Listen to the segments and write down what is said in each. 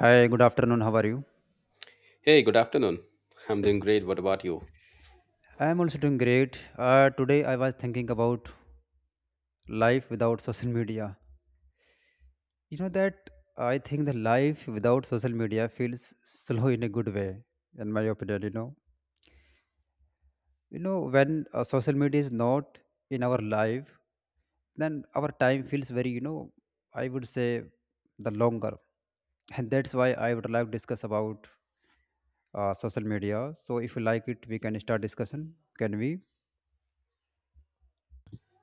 Hi, good afternoon. How are you? Hey, good afternoon. I'm doing great. What about you? I am also doing great. Today I was thinking about life without social media. You know that I think the life without social media feels slow in a good way, in my opinion. You know, when social media is not in our life, then our time feels very, I would say, the longer, and that's why I would like to discuss about social media. So if you like it, we can start discussion. Can we?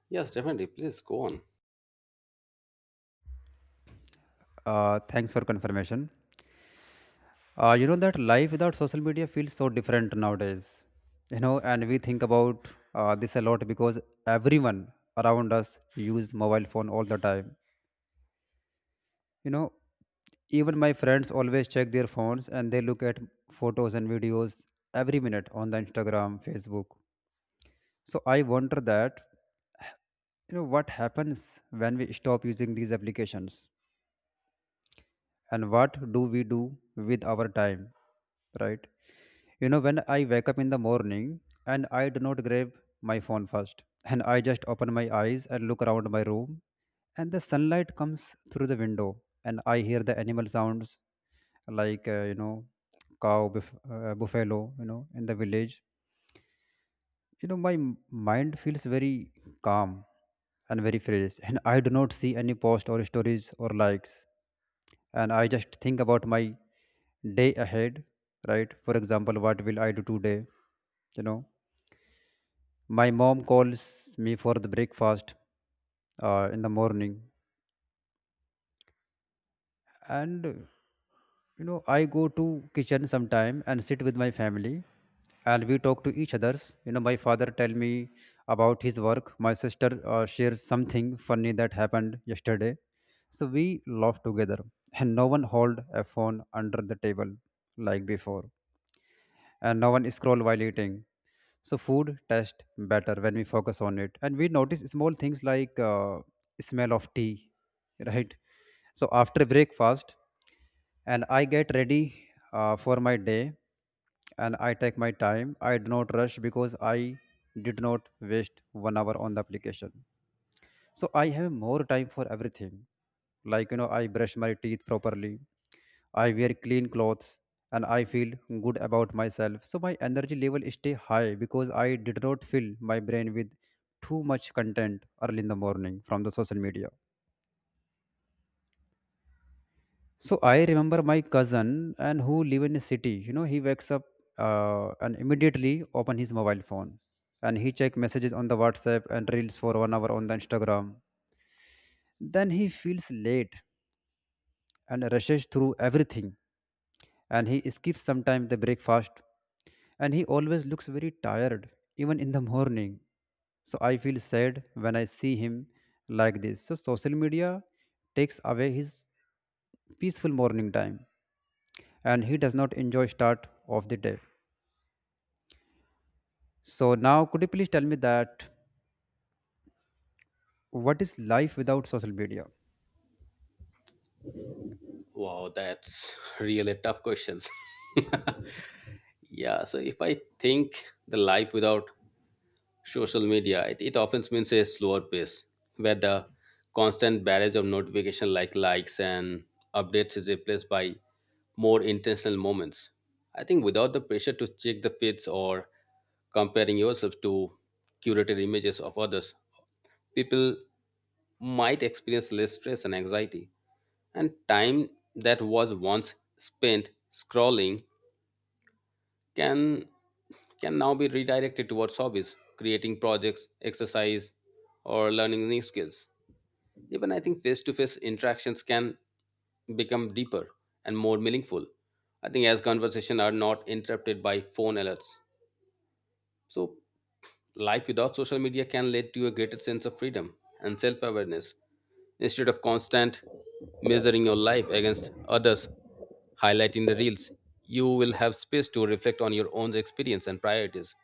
Yes, definitely. Please go on. Thanks for confirmation. You know that life without social media feels so different nowadays. You know, and we think about this a lot because everyone around us use mobile phone all the time. You know, even my friends always check their phones and they look at photos and videos every minute on the Instagram, Facebook. So I wonder that you know what happens when we stop using these applications and what do we do with our time, right? You know, when I wake up in the morning and I do not grab my phone first, and I just open my eyes and look around my room, and the sunlight comes through the window, and I hear the animal sounds, like you know, buffalo, you know, in the village. You know, my mind feels very calm and very fresh, and I do not see any post or stories or likes, and I just think about my day ahead, right? For example, what will I do today? You know, my mom calls me for the breakfast in the morning, and you know, I go to kitchen sometime and sit with my family, and we talk to each others. You know, my father tell me about his work. My sister shares something funny that happened yesterday, so we laugh together, and no one hold a phone under the table like before, and no one scroll while eating. So food tastes better when we focus on it, and we notice small things like smell of tea, right? So after breakfast, and I get ready for my day, and I take my time. I do not rush because I did not waste 1 hour on the application, so I have more time for everything, like you know, I brush my teeth properly, I wear clean clothes, and I feel good about myself. So my energy level stay high because I did not fill my brain with too much content early in the morning from the social media. So I remember my cousin, and who live in a city. You know, he wakes up and immediately open his mobile phone, and he check messages on the WhatsApp and reels for 1 hour on the Instagram. Then he feels late and rushes through everything, and he skips sometimes the breakfast, and he always looks very tired even in the morning. So I feel sad when I see him like this. So social media takes away his peaceful morning time, and he does not enjoy start of the day. So now, could you please tell me that what is life without social media? Wow, that's really tough questions. Yeah, so if I think the life without social media, it often means a slower pace where the constant barrage of notification like likes and updates is replaced by more intentional moments. I think without the pressure to check the feeds or comparing yourself to curated images of others, people might experience less stress and anxiety. And time that was once spent scrolling can can now be redirected towards hobbies, creating projects, exercise, or learning new skills. Even I think face-to-face interactions can become deeper and more meaningful. I think as conversation are not interrupted by phone alerts. So life without social media can lead to a greater sense of freedom and self awareness. Instead of constant measuring your life against others, highlighting the reels, you will have space to reflect on your own experience and priorities.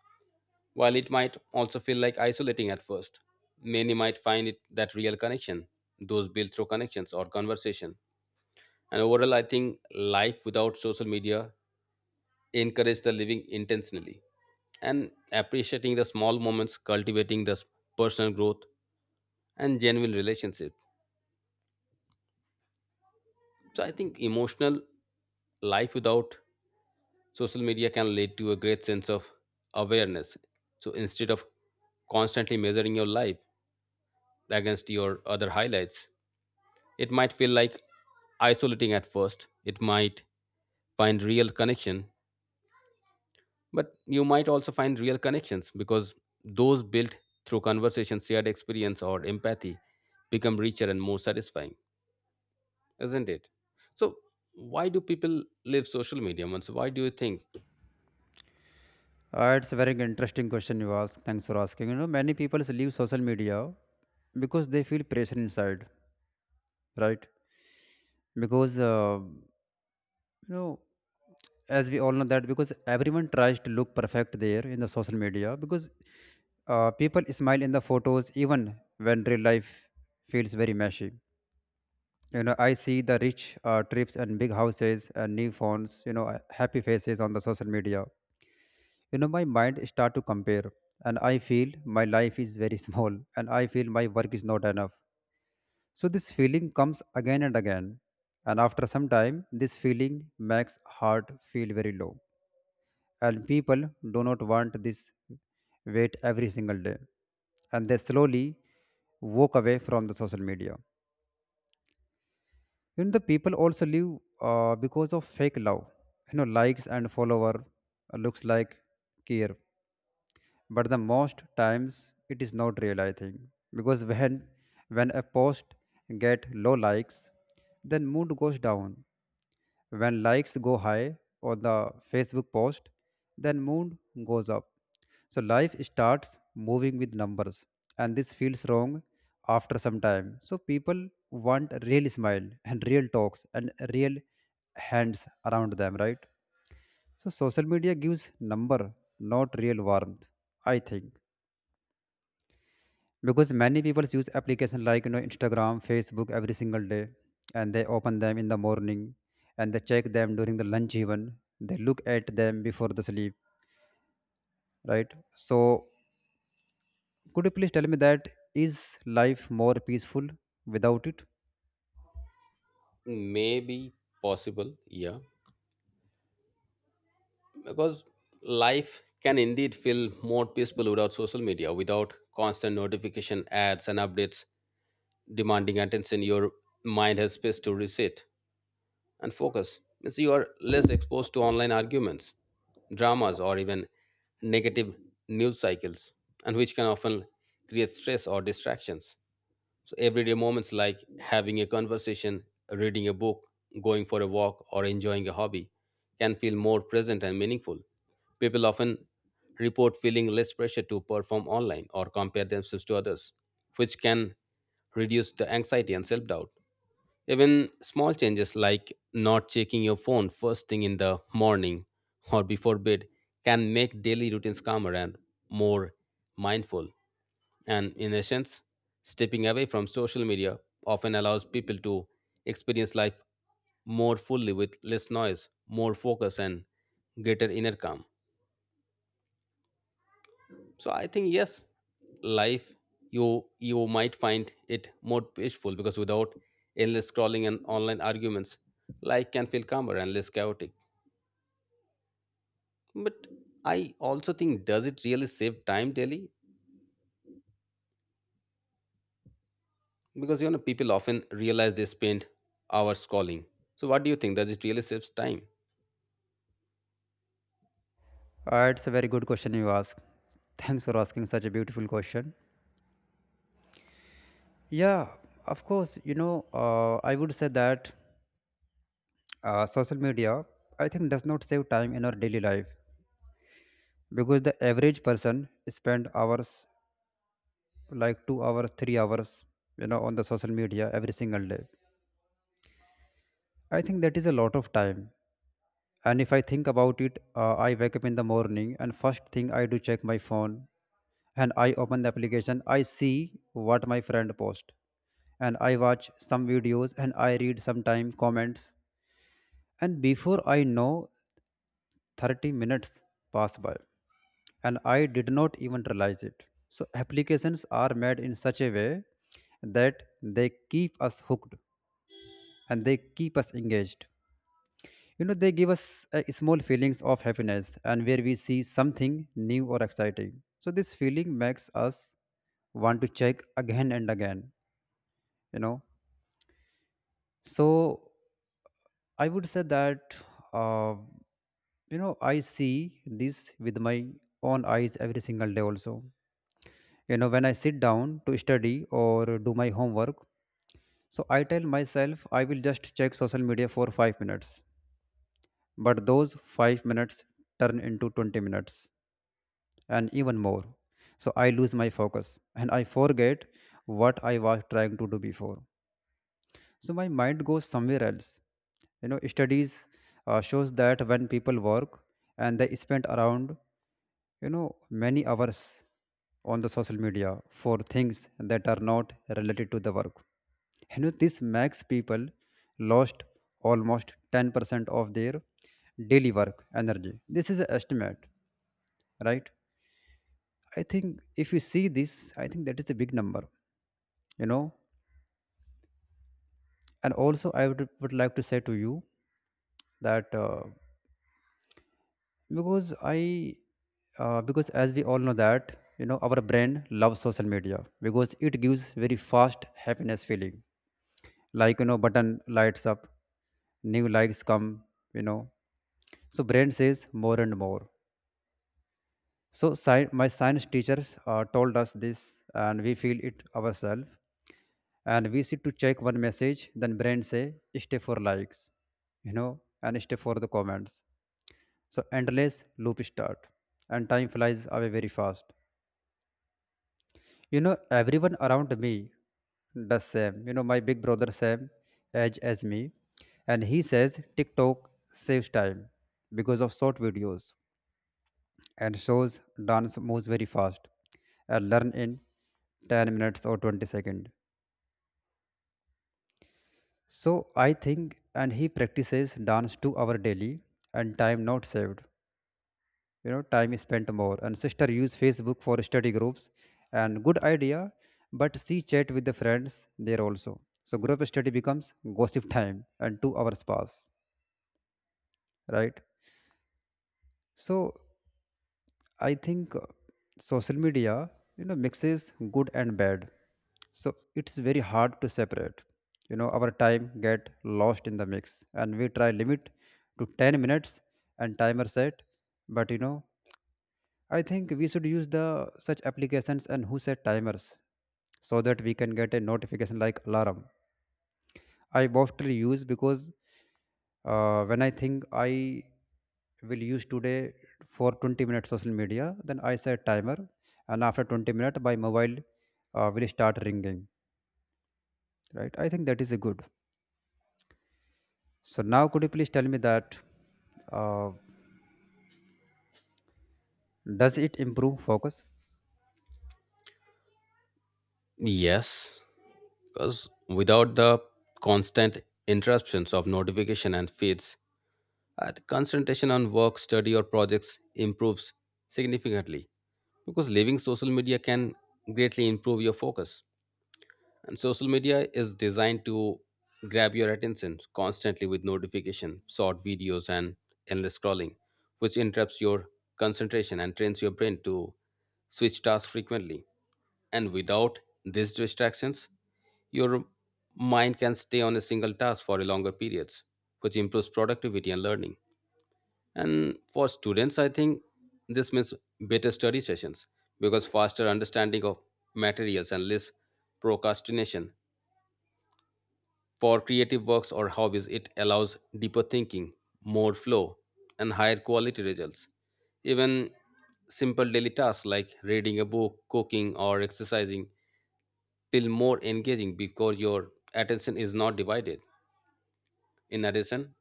While it might also feel like isolating at first, many might find it that real connection, those built through connections or conversation. And overall, I think life without social media encourage the living intentionally and appreciating the small moments, cultivating the personal growth and genuine relationship. So I think emotional life without social media can lead to a great sense of awareness. So instead of constantly measuring your life against your other highlights, it might feel like isolating at first. It might find real connection. But you might also find real connections because those built through conversation, shared experience, or empathy become richer and more satisfying, isn't it? So, why do people leave social media? Once, why do you think? It's a very interesting question you ask. Thanks for asking. You know, many people leave social media because they feel pressure inside, right? Because you know, as we all know that, because everyone tries to look perfect there in the social media, because people smile in the photos even when real life feels very messy. You know, I see the rich trips and big houses and new phones, you know, happy faces on the social media. You know, my mind start to compare, and I feel my life is very small, and I feel my work is not enough. So this feeling comes again and again, and after some time, this feeling makes heart feel very low. And people do not want this weight every single day, and they slowly walk away from the social media. You know, the people also live because of fake love. You know, likes and follower looks like care, but the most times it is not real. I think because when a post get low likes, then mood goes down. When likes go high on the Facebook post, then mood goes up. So life starts moving with numbers, and this feels wrong after some time. So people want real smile and real talks and real hands around them, right? So social media gives number, not real warmth, I think, because many people use application like you know, Instagram, Facebook every single day, and they open them in the morning, and they check them during the lunch, even they look at them before the sleep, right? So could you please tell me that is life more peaceful without it? Maybe possible, yeah, because life can indeed feel more peaceful without social media, without constant notification ads and updates demanding attention. Your mind has space to reset, and focus means you are less exposed to online arguments, dramas, or even negative news cycles, and which can often create stress or distractions. So, everyday moments like having a conversation, reading a book, going for a walk, or enjoying a hobby can feel more present and meaningful. People often report feeling less pressure to perform online or compare themselves to others, which can reduce the anxiety and self doubt. Even small changes like not checking your phone first thing in the morning or before bed can make daily routines calmer and more mindful. And in essence, stepping away from social media often allows people to experience life more fully with less noise, more focus, and greater inner calm. So I think yes, life, you you might find it more peaceful because without endless scrolling and online arguments life can feel calmer and less chaotic. But I also think, does it really save time daily? Because you know people often realize they spend hours scrolling. So what do you think, does it really saves time? It's a very good question you ask. Thanks for asking such a beautiful question. Yeah, of course, you know, I would say that social media, I think, does not save time in our daily life, because the average person spend hours, like 2 hours, 3 hours, you know, on the social media every single day. I think that is a lot of time. And if I think about it, I wake up in the morning, and first thing I do, check my phone, and I open the application, I see what my friend post, and I watch some videos, and I read sometime comments, and before I know, 30 minutes pass by, and I did not even realize it. So applications are made in such a way that they keep us hooked and they keep us engaged. You know, they give us small feelings of happiness and where we see something new or exciting. So this feeling makes us want to check again and again. You know, so I would say that uh, you know, I see this with my own eyes every single day also. You know, when I sit down to study or do my homework, so I tell myself I will just check social media for 5 minutes, but those 5 minutes turn into 20 minutes and even more. So I lose my focus, and I forget what I was trying to do before. So my mind goes somewhere else. You know, studies shows that when people work and they spend around, you know, many hours on the social media for things that are not related to the work, you know, this makes people lost almost 10% of their daily work energy. This is an estimate, right? I think if you see this, I think that is a big number. You know, and also I would like to say to you that because i because as we all know that, you know, our brain loves social media because it gives very fast happiness feeling, like you know, button lights up, new likes come, you know. So brain says more and more. So my science teachers told us this, and we feel it ourselves, and we sit to check one message, then brain say stay for likes, you know, and stay for the comments. So endless loop start, and time flies away very fast. You know, everyone around me does same. You know, my big brother same age as me, and he says TikTok saves time because of short videos and shows dance moves very fast and learn in 10 minutes or 20 seconds. So I think, and he practices dance 2-hour daily, and time not saved. You know, time is spent more. And sister use Facebook for study groups, and good idea, but she chat with the friends there also, so group study becomes gossip time and 2 hours pass, right? So I think social media, you know, mixes good and bad, so it's very hard to separate. You know, our time get lost in the mix, and we try limit to 10 minutes and timer set, but you know, I think we should use the such applications and who set timers so that we can get a notification like alarm. I mostly use because when I think I will use today for 20 minutes social media, then I set timer, and after 20 minutes, my mobile will start ringing. Right? I think that is a good. So now, could you please tell me that uh, does it improve focus? Yes, because without the constant interruptions of notification and feeds the concentration on work study or projects improves significantly, because leaving social media can greatly improve your focus. And social media is designed to grab your attention constantly with notification short videos and endless scrolling, which interrupts your concentration and trains your brain to switch tasks frequently. And without these distractions your mind can stay on a single task for a longer periods, which improves productivity and learning. And for students, I think this means better study sessions because faster understanding of materials and less procrastination. For creative works or hobbies, it allows deeper thinking, more flow, and higher quality results. Even simple daily tasks like reading a book, cooking, or exercising feel more engaging because your attention is not divided. In addition,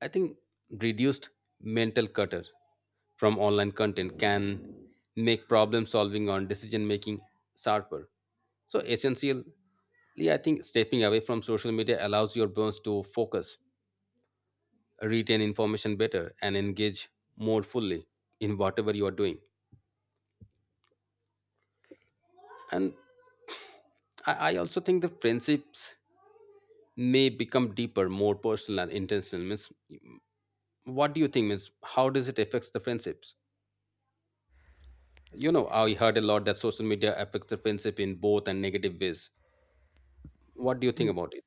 I think reduced mental clutter from online content can make problem solving on decision making sharper. So essentially, I think stepping away from social media allows your brains to focus, retain information better, and engage more fully in whatever you are doing. And I also think the friendships may become deeper, more personal and intentional. Means, what do you think? Means, how does it affect the friendships? You know, I heard a lot that social media affects the friendship in both and negative ways. What do you think about it?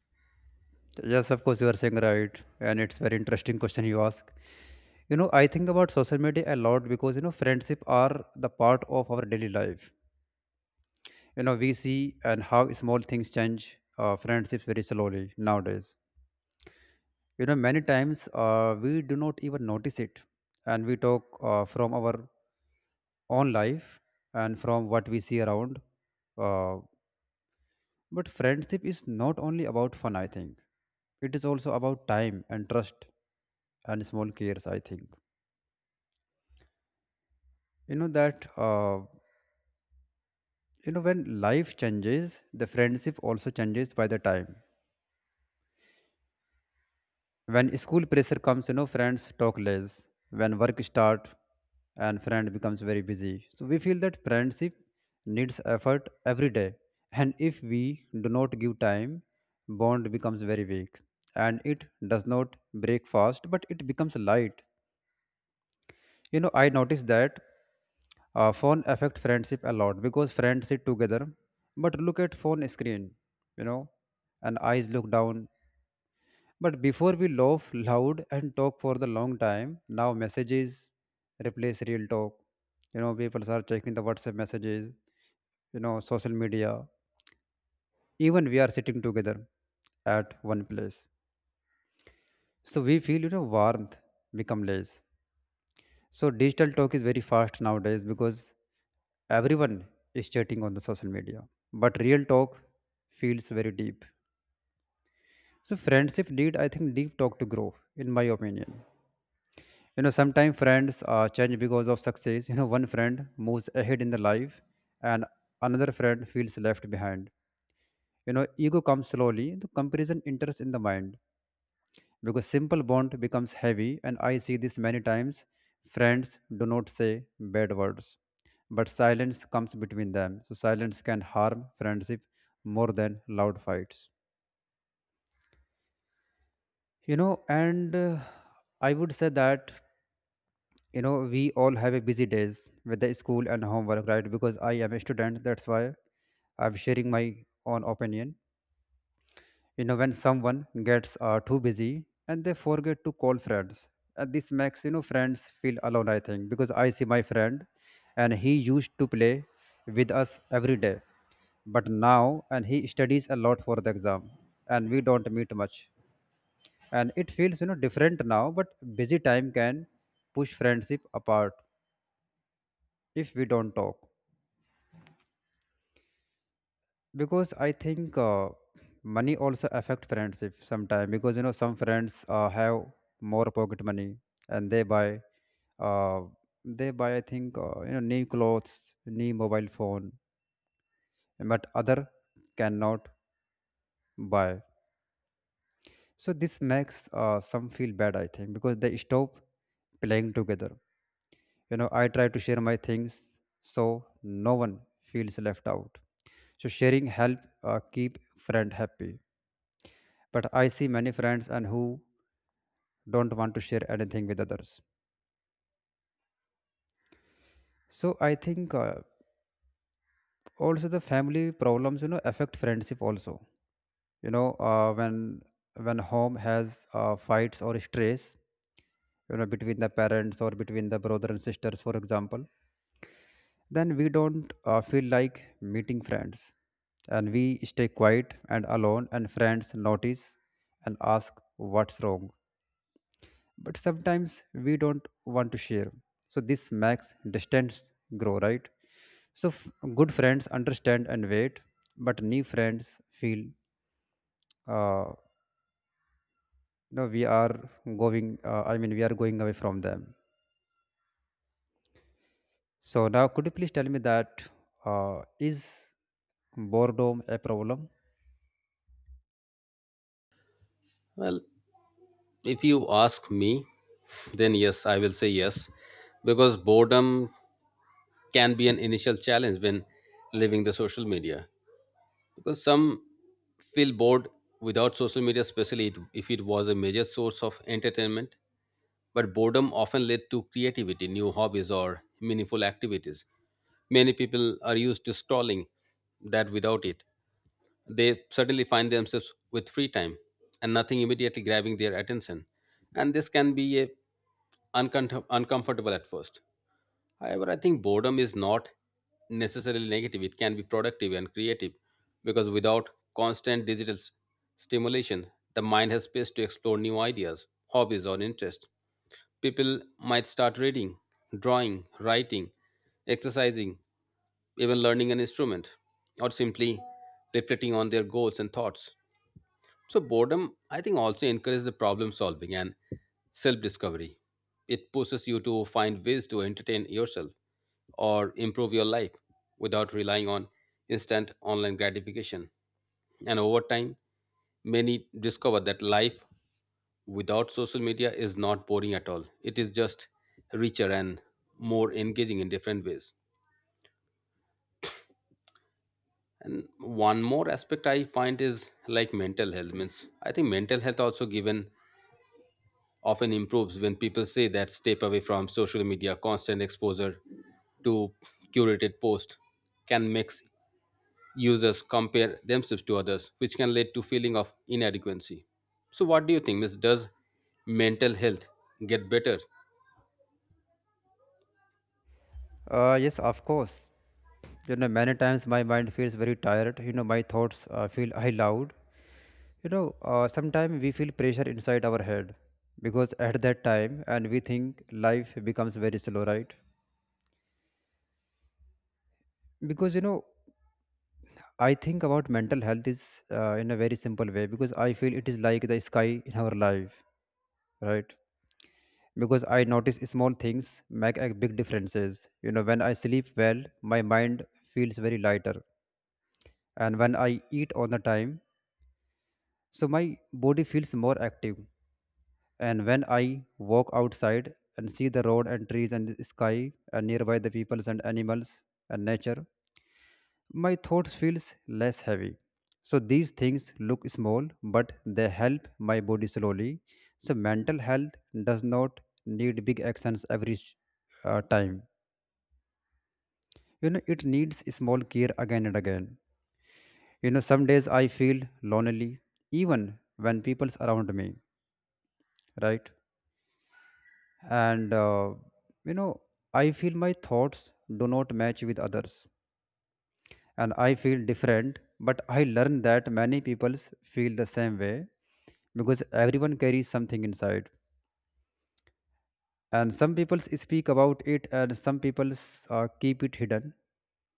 Yes, of course, you are saying right, and it's very interesting question you ask. You know, I think about social media a lot because you know, friendship are the part of our daily life. You know, we see and how small things change friendships very slowly nowadays. You know, many times we do not even notice it, and we talk from our own life and from what we see around. Uh, But friendship is not only about fun, I think. It is also about time and trust and small cares, I think. You know that, uh, when life changes, the friendship also changes by the time. When school pressure comes, you know, friends talk less. When work start and friend becomes very busy, so we feel that friendship needs effort every day, and if we do not give time, bond becomes very weak, and it does not break fast, but it becomes light. You know, I noticed that phone affect friendship a lot because friends sit together but look at phone screen, you know, and eyes look down. But before we laugh loud and talk for the long time, now messages replace real talk. You know, people are checking the WhatsApp messages, you know, social media. Even we are sitting together at one place. So we feel, you know, warmth become less. So digital talk is very fast nowadays because everyone is chatting on the social media. But real talk feels very deep. So friendship need, I think, deep talk to grow, in my opinion. You know, sometimes friends change because of success. You know, one friend moves ahead in the life, and another friend feels left behind. You know, ego comes slowly, the comparison enters in the mind, because simple bond becomes heavy, and I see this many times. Friends do not say bad words, but silence comes between them. So silence can harm friendship more than loud fights, you know. And I would say that, you know, we all have a busy days with the school and homework, right? Because I am a student, that's why I'm sharing my own opinion. You know, when someone gets too busy and they forget to call friends, and this makes, you know, friends feel alone, I think. Because I see my friend, and he used to play with us every day, but now and he studies a lot for the exam, and we don't meet much, and it feels, you know, different now. But busy time can push friendship apart if we don't talk. Because I think, money also affect friendship sometimes. Because, you know, some friends have more pocket money, and they buy uh, they buy, I think, you know, new clothes, new mobile phone, but other cannot buy. So this makes, some feel bad, I think, because they stop playing together. You know, I try to share my things, so no one feels left out. So sharing help keep friend happy. But I see many friends and who don't want to share anything with others. So I think, also the family problems, you know, affect friendship also. You know, when home has fights or stress, you know, between the parents or between the brother and sisters, for example, then we don't feel like meeting friends, and we stay quiet and alone, and friends notice and ask what's wrong. But sometimes we don't want to share, so this makes distance grow, right? so f- Good friends understand and wait, but new friends feel uh, no, we are going I mean we are going away from them. So now could you please tell me that, is boredom a problem? Well, if you ask me, then yes, I will say yes, because boredom can be an initial challenge when leaving the social media. Because some feel bored without social media, especially if it was a major source of entertainment. But boredom often led to creativity, new hobbies, or meaningful activities. Many people are used to stalling that without it. They suddenly find themselves with free time and nothing immediately grabbing their attention. And this can be a uncomfortable at first. However, I think boredom is not necessarily negative. It can be productive and creative because without constant digital stimulation, the mind has space to explore new ideas, hobbies, or interests. People might start reading, drawing, writing, exercising, even learning an instrument or simply reflecting on their goals and thoughts. So, boredom, I think, also encourages the problem solving and self discovery. It pushes you to find ways to entertain yourself or improve your life without relying on instant online gratification. And over time, many discover that life without social media is not boring at all. It is just richer and more engaging in different ways. And one more aspect I find is like mental health. Means, I think mental health also given often improves when people say that step away from social media. Constant exposure to curated posts can make users compare themselves to others, which can lead to feeling of inadequacy. So what do you think, miss, does mental health get better? Yes, of course. You know, many times my mind feels very tired. You know, my thoughts feel high loud. You know, sometimes we feel pressure inside our head, because at that time, and we think life becomes very slow, right? Because, you know, I think about mental health is in a very simple way, because I feel it is like the sky in our life, right? Because I notice small things make a big differences. You know, when I sleep well, my mind feels very lighter, and when I eat on the time, so my body feels more active. And when I walk outside and see the road and trees and the sky and nearby the peoples and animals and nature, my thoughts feels less heavy. So these things look small, but they help my body slowly. So mental health does not need big actions every time. You know, it needs small care again and again. You know, some days I feel lonely, even when people's around me, right? and you know, I feel my thoughts do not match with others, and I feel different, but I learn that many people feel the same way, because everyone carries something inside, and some people speak about it, and some people keep it hidden.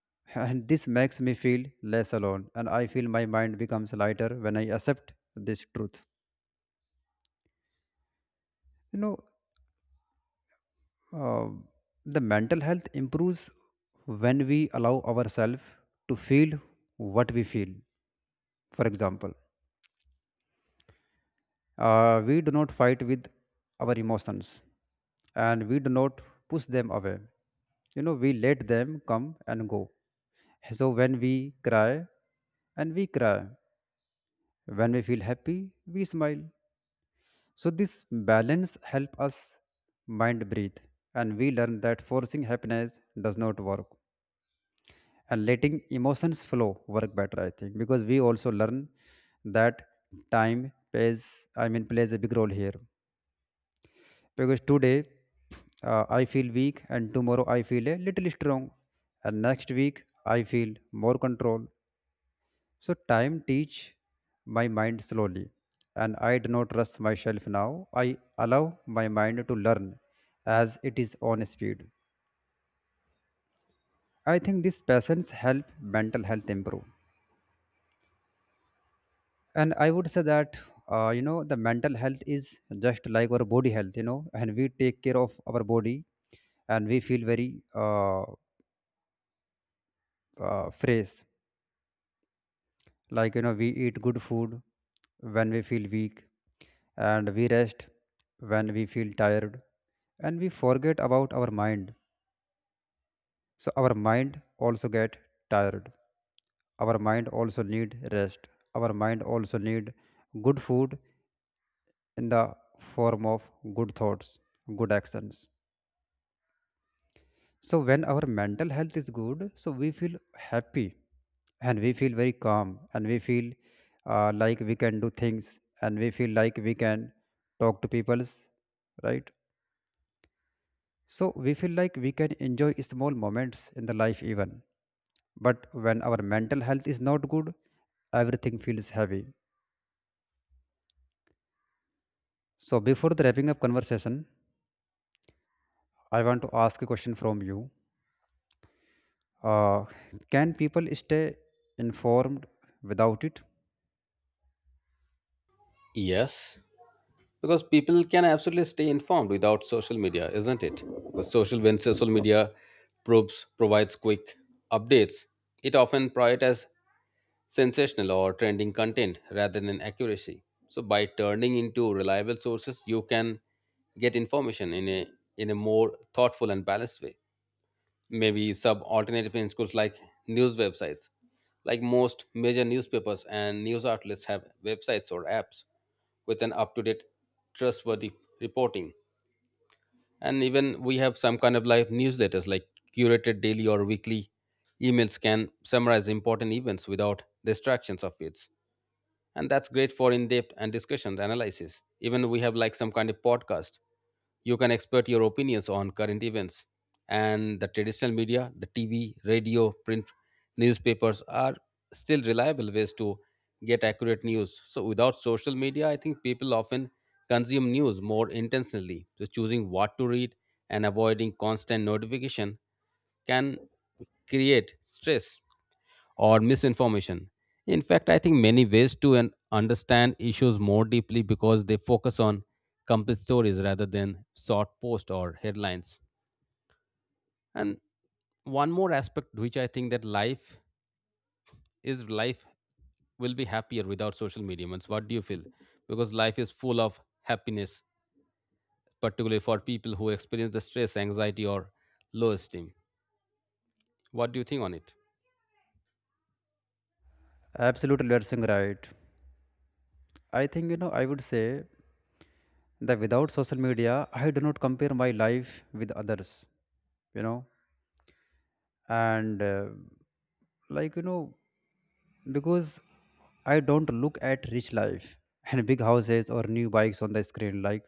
And this makes me feel less alone, and I feel my mind becomes lighter when I accept this truth, you know. Uh, the mental health improves when we allow ourselves to feel what we feel. For example, we do not fight with our emotions, and we do not push them away. You know, we let them come and go. So when we cry, and we cry. When we feel happy, we smile. So this balance help us mind breathe, and we learn that forcing happiness does not work. And letting emotions flow work better, I think. Because we also learn that time plays, plays a big role here. Because today, I feel weak, and tomorrow I feel a little strong, and next week I feel more control. So time teach my mind slowly, and I do not trust myself now. I allow my mind to learn as it is on speed. I think this patience help mental health improve. And I would say that, you know, the mental health is just like our body health, you know. And we take care of our body, and we feel very fresh, like, you know, we eat good food when we feel weak, and we rest when we feel tired, and we forget about our mind. So our mind also get tired. Our mind also need rest. Our mind also need good food in the form of good thoughts, good actions. So when our mental health is good, so we feel happy, and we feel very calm, and we feel like we can do things, and we feel like we can talk to people's, right? So we feel like we can enjoy small moments in the life even. But when our mental health is not good, everything feels heavy. So before the wrapping up conversation, I want to ask a question from you. Uh, can people stay informed without it? Yes, because people can absolutely stay informed without social media, isn't it? Because social, when social media probes provides quick updates, it often prioritizes sensational or trending content rather than accuracy. So by turning into reliable sources you can get information in a, in a more thoughtful and balanced way. Maybe sub alternative in schools like news websites, like most major newspapers and news outlets have websites or apps with an up-to-date trustworthy reporting. And even we have some kind of live newsletters like curated daily or weekly emails can summarize important events without distractions of it, and that's great for in-depth and discussion analysis. Even we have like some kind of podcast, you can expert your opinions on current events. And the traditional media, the TV, radio, print, newspapers are still reliable ways to get accurate news. So without social media, I think people often consume news more intentionally. So choosing what to read and avoiding constant notification can create stress or misinformation. In fact, I think many ways to understand issues more deeply because they focus on complete stories rather than short posts or headlines. And one more aspect which I think, that life is, life will be happier without social media. Means, what do you feel? Because life is full of happiness, particularly for people who experience the stress, anxiety, or low esteem. What do you think on it? Absolutely, you're saying right. I think, you know, I would say that without social media, I do not compare my life with others, you know, and like, you know, because I don't look at rich life and big houses or new bikes on the screen. Like,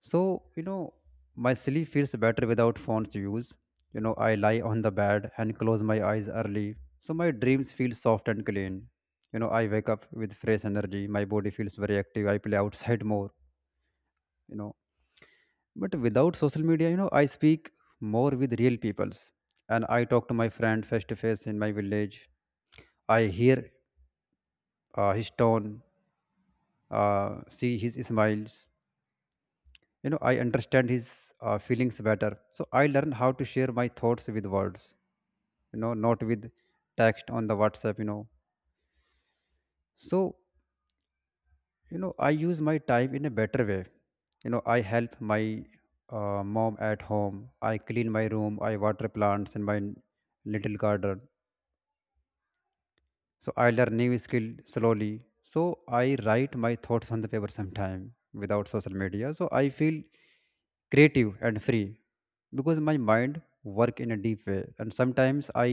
so, you know, my sleep feels better without phone's use. You know, I lie on the bed and close my eyes early. So my dreams feel soft and clean. You know, I wake up with fresh energy. My body feels very active. I play outside more, you know. But without social media, you know, I speak more with real peoples. And I talk to my friend face to face in my village. I hear his tone, see his smiles. You know, I understand his feelings better. So I learn how to share my thoughts with words, you know, not with text on the WhatsApp, you know. So, you know, I use my time in a better way. You know, I help my mom at home. I clean my room, I water plants in my little garden. So I learn new skill slowly. So I write my thoughts on the paper sometime without social media, so I feel creative and free, because my mind work in a deep way. And sometimes I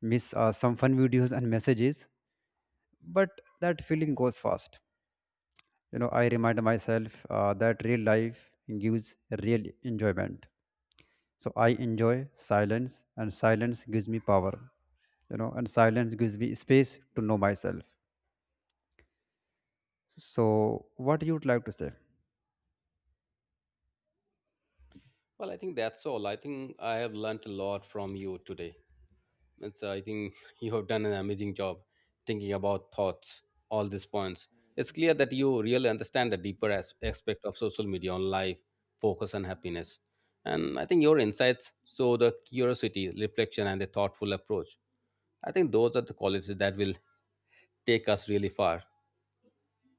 miss some fun videos and messages, but that feeling goes fast. You know, I remind myself that real life gives real enjoyment. So I enjoy silence, and silence gives me power, you know, and silence gives me space to know myself. So, what you would like to say? Well, I think that's all. I think I have learnt a lot from you today. It's, I think you have done an amazing job thinking about thoughts, all these points. It's clear that you really understand the deeper aspect of social media on life, focus, and happiness. And I think your insights show the curiosity, reflection, and a thoughtful approach. I think those are the qualities that will take us really far.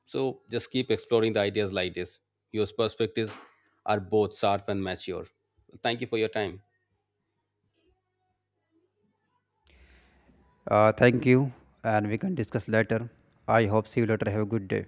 So just keep exploring the ideas like this. Your perspectives are both sharp and mature. Thank you for your time. Thank you, and we can discuss later. I hope see you later. Have a good day.